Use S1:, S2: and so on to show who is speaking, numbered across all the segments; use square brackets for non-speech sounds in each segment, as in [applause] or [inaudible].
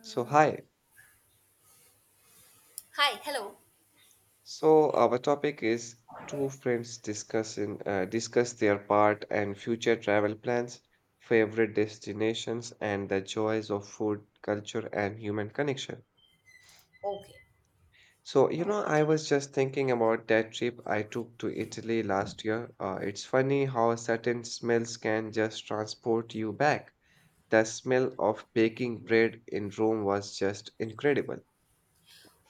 S1: So hi.
S2: Hi, hello.
S1: So our topic is two friends discussing discuss their part and future travel plans, favorite destinations, and the joys of food, culture, and human connection.
S2: Okay.
S1: So I was just thinking about that trip I took to Italy last year. It's funny how certain smells can just transport you back. The smell of baking bread in Rome was just incredible.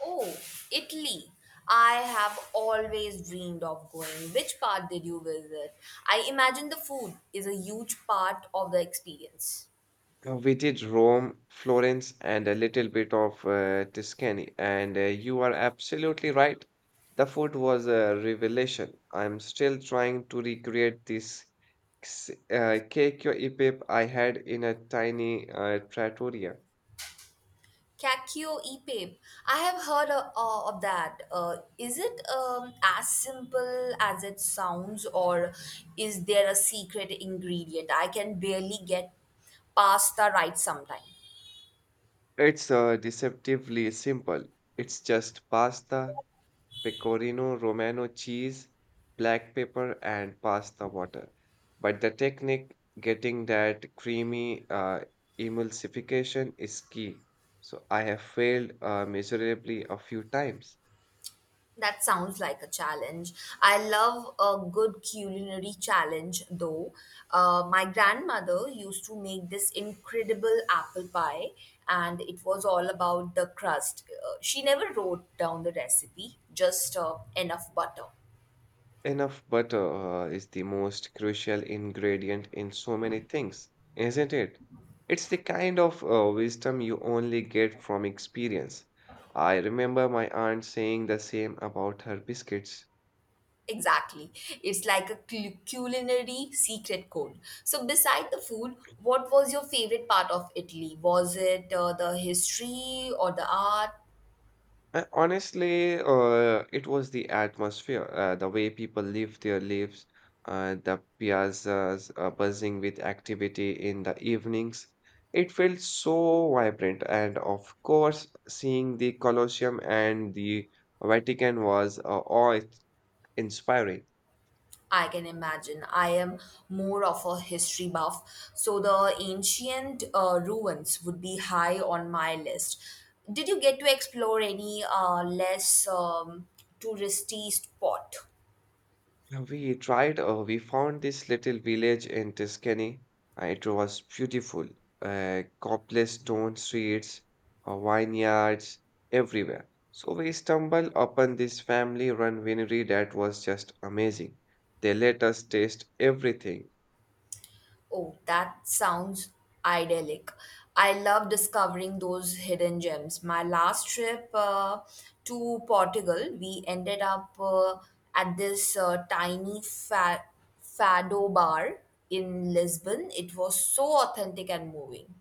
S2: Oh, Italy. I have always dreamed of going. Which part did you visit? I imagine the food is a huge part of the experience.
S1: We did Rome, Florence, and a little bit of Tuscany. And you are absolutely right. The food was a revelation. I'm still trying to recreate this cake or epip I had in a tiny trattoria.
S2: Cacio e pepe. I have heard of that. Is it as simple as it sounds, or is there a secret ingredient? I can barely get pasta right sometimes.
S1: It's deceptively simple. It's just pasta, pecorino romano cheese, black pepper, and pasta water. But the technique, getting that creamy emulsification, is key. So I have failed miserably a few times.
S2: That sounds like a challenge. I love a good culinary challenge, though. My grandmother used to make this incredible apple pie, and it was all about the crust. She never wrote down the recipe, just enough butter.
S1: Enough butter is the most crucial ingredient in so many things, isn't it? It's the kind of wisdom you only get from experience. I remember my aunt saying the same about her biscuits.
S2: Exactly. It's like a culinary secret code. So, beside the food, what was your favorite part of Italy? Was it the history or the art?
S1: Honestly, it was the atmosphere, the way people live their lives, the piazzas buzzing with activity in the evenings. It felt so vibrant, and of course, seeing the Colosseum and the Vatican was awe-inspiring.
S2: I can imagine. I am more of a history buff, so the ancient ruins would be high on my list. Did you get to explore any less touristy spot?
S1: We tried, we found this little village in Tuscany. It was beautiful. Cobblestone stone streets, vineyards, everywhere. So we stumbled upon this family-run winery that was just amazing. They let us taste everything.
S2: Oh, that sounds idyllic. I love discovering those hidden gems. My last trip to Portugal, we ended up at this tiny fado bar in Lisbon. It was so authentic and moving.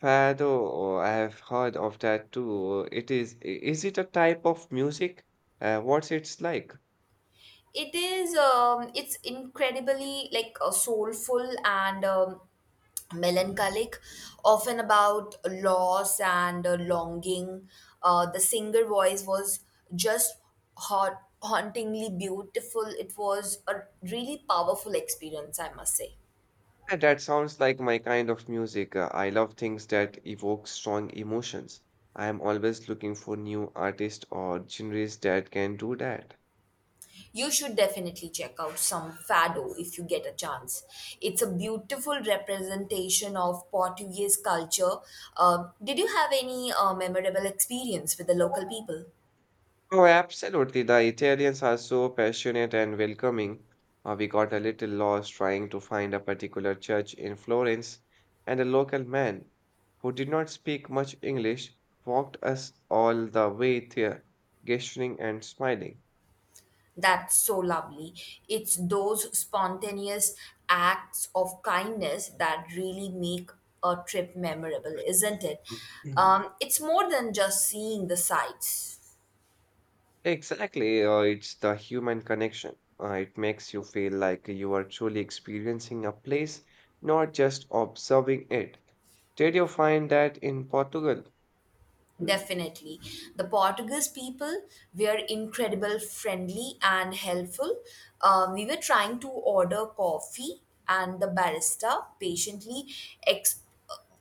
S1: Fado, oh, I have heard of that too. Is it a type of music? What's it's like?
S2: It is it's incredibly like soulful and melancholic, often about loss and longing. The singer voice was just hot hauntingly beautiful. It was a really powerful experience, I must say.
S1: Yeah, that sounds like my kind of music. I love things that evoke strong emotions. I am always looking for new artists or genres that can do that.
S2: You should definitely check out some fado if you get a chance. It's a beautiful representation of Portuguese culture. Did you have any memorable experience with the local people?
S1: Oh, absolutely. The Italians are so passionate and welcoming. We got a little lost trying to find a particular church in Florence, and a local man who did not speak much English walked us all the way there, gesturing and smiling.
S2: That's so lovely. It's those spontaneous acts of kindness that really make a trip memorable, isn't it?
S1: [clears throat]
S2: It's more than just seeing the sights.
S1: Exactly, it's the human connection. It makes you feel like you are truly experiencing a place, not just observing it. Did you find that in Portugal?
S2: Definitely. The Portuguese people were incredible, friendly, and helpful. We were trying to order coffee, and the barista patiently ex-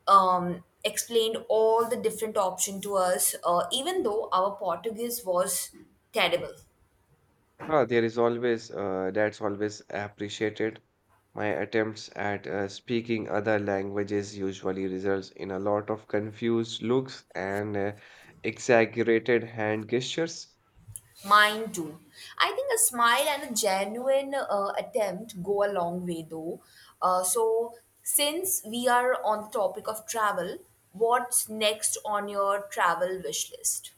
S2: explained all the different options to us, even though our Portuguese was terrible.
S1: Ah, that's always appreciated. My attempts at speaking other languages usually results in a lot of confused looks and exaggerated hand gestures.
S2: Mine too. I think a smile and a genuine attempt go a long way though. So, since we are on the topic of travel, what's next on your travel wish list?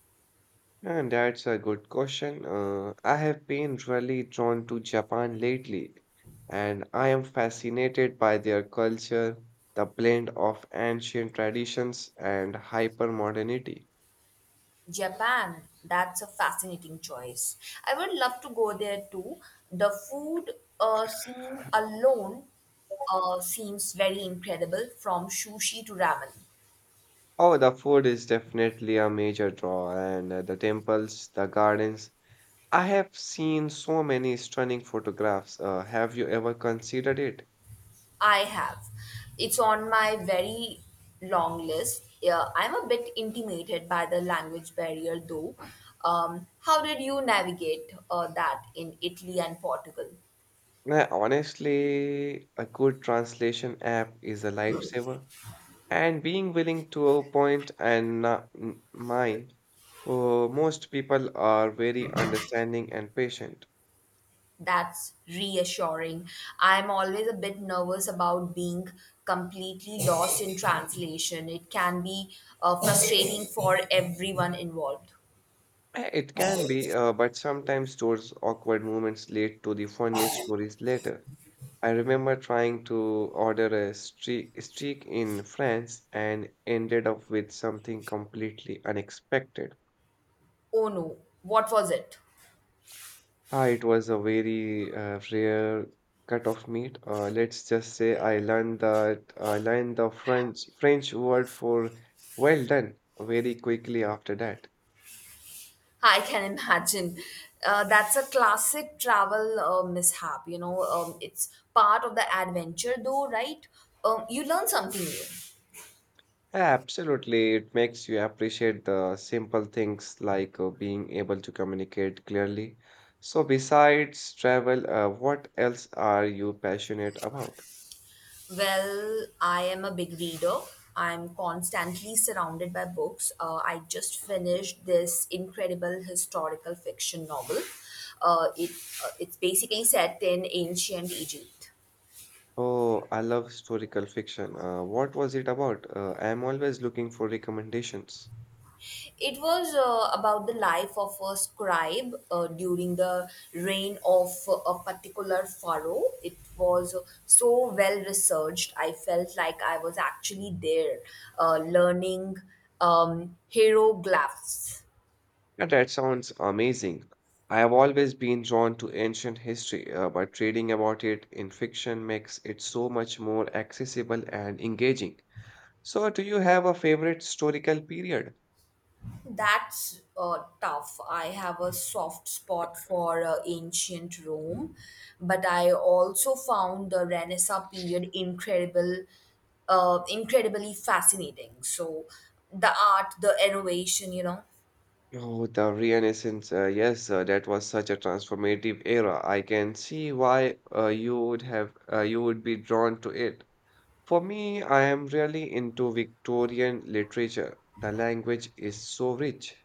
S1: And that's a good question. I have been really drawn to Japan lately, and I am fascinated by their culture, the blend of ancient traditions and hypermodernity.
S2: Japan. That's a fascinating choice. I would love to go there too. The food scene alone seems very incredible, from sushi to ramen.
S1: Oh, the food is definitely a major draw, and the temples, the gardens. I have seen so many stunning photographs. Have you ever considered it?
S2: I have. It's on my very long list. Yeah, I'm a bit intimidated by the language barrier though. How did you navigate that in Italy and Portugal?
S1: Nah, honestly, a good translation app is a lifesaver, and being willing to point and not m- mine. Most people are very understanding and patient.
S2: That's reassuring. I'm always a bit nervous about being completely lost in translation. It can be frustrating for everyone involved.
S1: It can be, but sometimes those awkward moments lead to the funniest stories later. I remember trying to order a streak in France and ended up with something completely unexpected.
S2: Oh no, what was it?
S1: Ah, it was a very rare cut of meat. Let's just say I learned the French word for well done very quickly after that.
S2: I can imagine. That's a classic travel mishap. You know, it's part of the adventure, though, right? You learn something new.
S1: Absolutely, it makes you appreciate the simple things like being able to communicate clearly. So, besides travel, what else are you passionate about?
S2: Well, I am a big reader. I'm constantly surrounded by books. I just finished this incredible historical fiction novel. Uh, it it's basically set in ancient Egypt.
S1: Oh, I love historical fiction. What was it about? I am always looking for recommendations.
S2: It was about the life of a scribe during the reign of a particular pharaoh. It was so well researched. I felt like I was actually there, learning hieroglyphs.
S1: Yeah, that sounds amazing. I have always been drawn to ancient history, but reading about it in fiction makes it so much more accessible and engaging. So, do you have a favorite historical period?
S2: That's tough. I have a soft spot for ancient Rome, but I also found the Renaissance period incredibly fascinating. So, the art, the innovation, you know.
S1: Oh, the Renaissance. Yes, that was such a transformative era. I can see why you would be drawn to it. For me, I am really into Victorian literature. The language is so rich.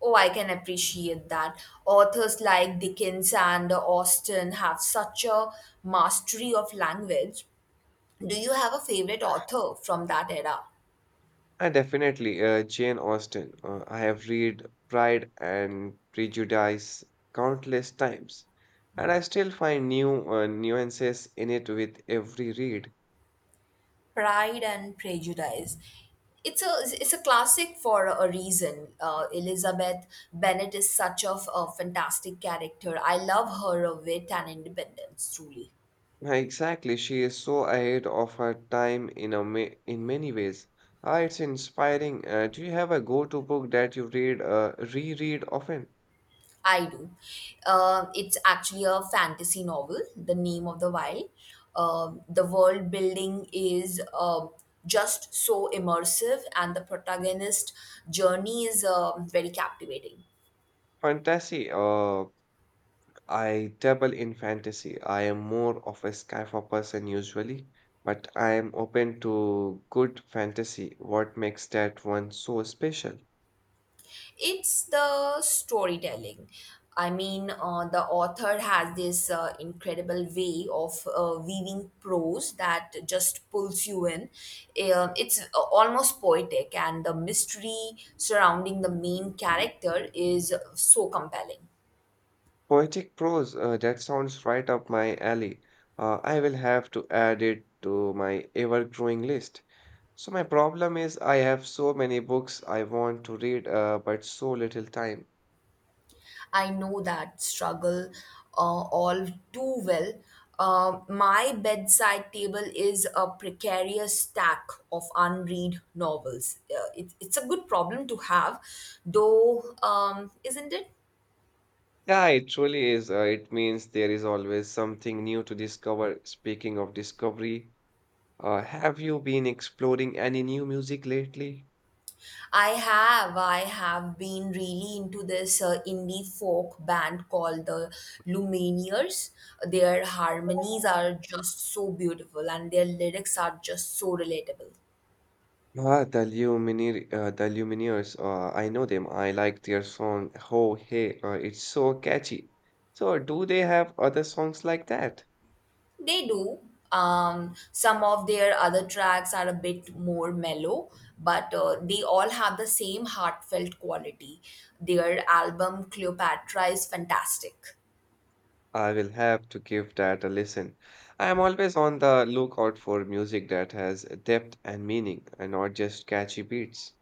S2: Oh, I can appreciate that. Authors like Dickens and Austen have such a mastery of language. Do you have a favorite author from that era?
S1: Definitely, Jane Austen. I have read Pride and Prejudice countless times, and I still find new nuances in it with every read.
S2: Pride and Prejudice. It's a it's a classic for a reason. Elizabeth Bennet is such of a fantastic character. I love her wit and independence. Truly,
S1: Exactly, she is so ahead of her time in a ma in many ways. Ah, it's inspiring. Do you have a go-to book that you read reread often?
S2: I do. It's actually a fantasy novel. The name of the while. The world building is just so immersive, and the protagonist journey is very captivating.
S1: Fantasy, I dabble in fantasy. I am more of a sci-fi person usually, but I am open to good fantasy. What makes that one so special?
S2: It's the storytelling. The author has this incredible way of weaving prose that just pulls you in. It's almost poetic, and the mystery surrounding the main character is so compelling.
S1: Poetic prose, that sounds right up my alley. I will have to add it to my ever-growing list. So my problem is I have so many books I want to read, but so little time.
S2: I know that struggle all too well. My bedside table is a precarious stack of unread novels. It's a good problem to have, though, isn't it?
S1: Yeah, it truly is. It means there is always something new to discover. Speaking of discovery, have you been exploring any new music lately?
S2: I have. I have been really into this indie folk band called the Lumineers. Their harmonies are just so beautiful and their lyrics are just so relatable.
S1: Ah, the Lumineers. I know them. I like their song "Oh Hey." It's so catchy. So, do they have other songs like that?
S2: They do. Some of their other tracks are a bit more mellow, but they all have the same heartfelt quality. Their album Cleopatra is fantastic.
S1: I will have to give that a listen. I am always on the lookout for music that has depth and meaning, and not just catchy beats.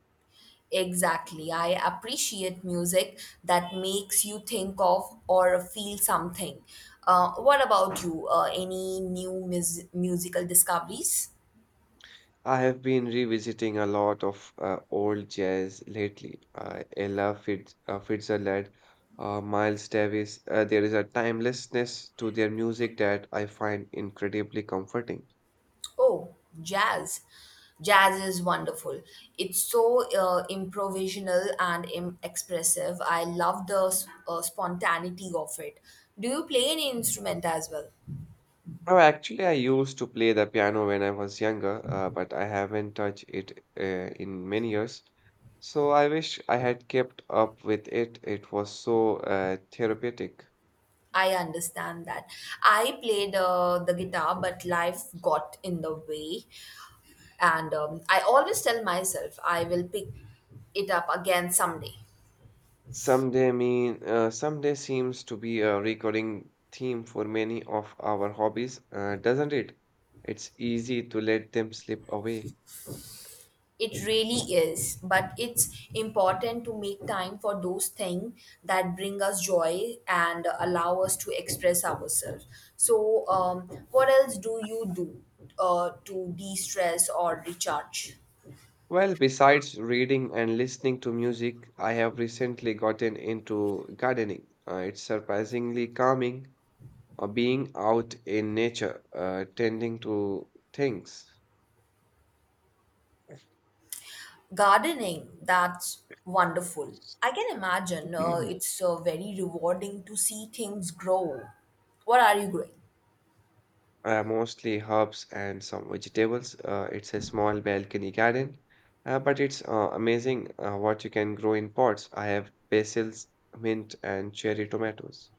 S2: Exactly. I appreciate music that makes you think of or feel something. What about you? Any new musical discoveries?
S1: I have been revisiting a lot of old jazz lately. Uh, Ella Fitzgerald, Miles Davis. There is a timelessness to their music that I find incredibly comforting.
S2: Oh, jazz. Jazz is wonderful. It's so improvisational and expressive. I love the spontaneity of it. Do you play any instrument as well?
S1: Now, actually, I used to play the piano when I was younger, but I haven't touched it in many years. So I wish I had kept up with it. It was so therapeutic.
S2: I understand that. I played the guitar, but life got in the way. And I always tell myself I will pick it up again someday.
S1: Someday seems to be a recurring theme for many of our hobbies, doesn't it? It's easy to let them slip away.
S2: It really is, but it's important to make time for those things that bring us joy and allow us to express ourselves. So, what else do you do to de stress or recharge?
S1: Well, besides reading and listening to music, I have recently gotten into gardening. It's surprisingly calming, being out in nature, tending to things.
S2: Gardening, that's wonderful. I can imagine
S1: [clears throat]
S2: it's very rewarding to see things grow. What are you growing?
S1: Mostly herbs and some vegetables. It's a small balcony garden, but it's amazing what you can grow in pots. I have basils, mint, and cherry tomatoes.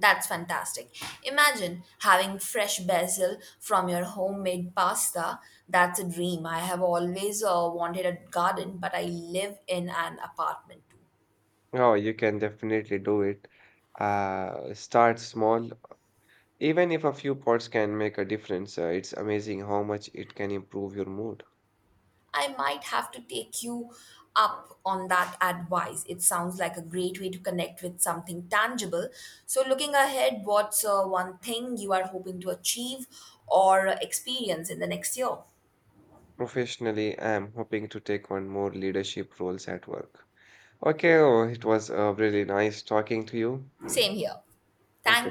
S2: That's fantastic. Imagine having fresh basil from your homemade pasta. That's a dream. I have always wanted a garden, but I live in an apartment too.
S1: Oh, you can definitely do it. Start small. Even if a few pots can make a difference, it's amazing how much it can improve your mood.
S2: I might have to take you up on that advice. It sounds like a great way to connect with something tangible. So, looking ahead, what's one thing you are hoping to achieve or experience in the next year?
S1: Professionally, I am hoping to take on more leadership roles at work. Okay, oh, it was really nice talking to you.
S2: Same here.
S1: Okay.
S2: Thank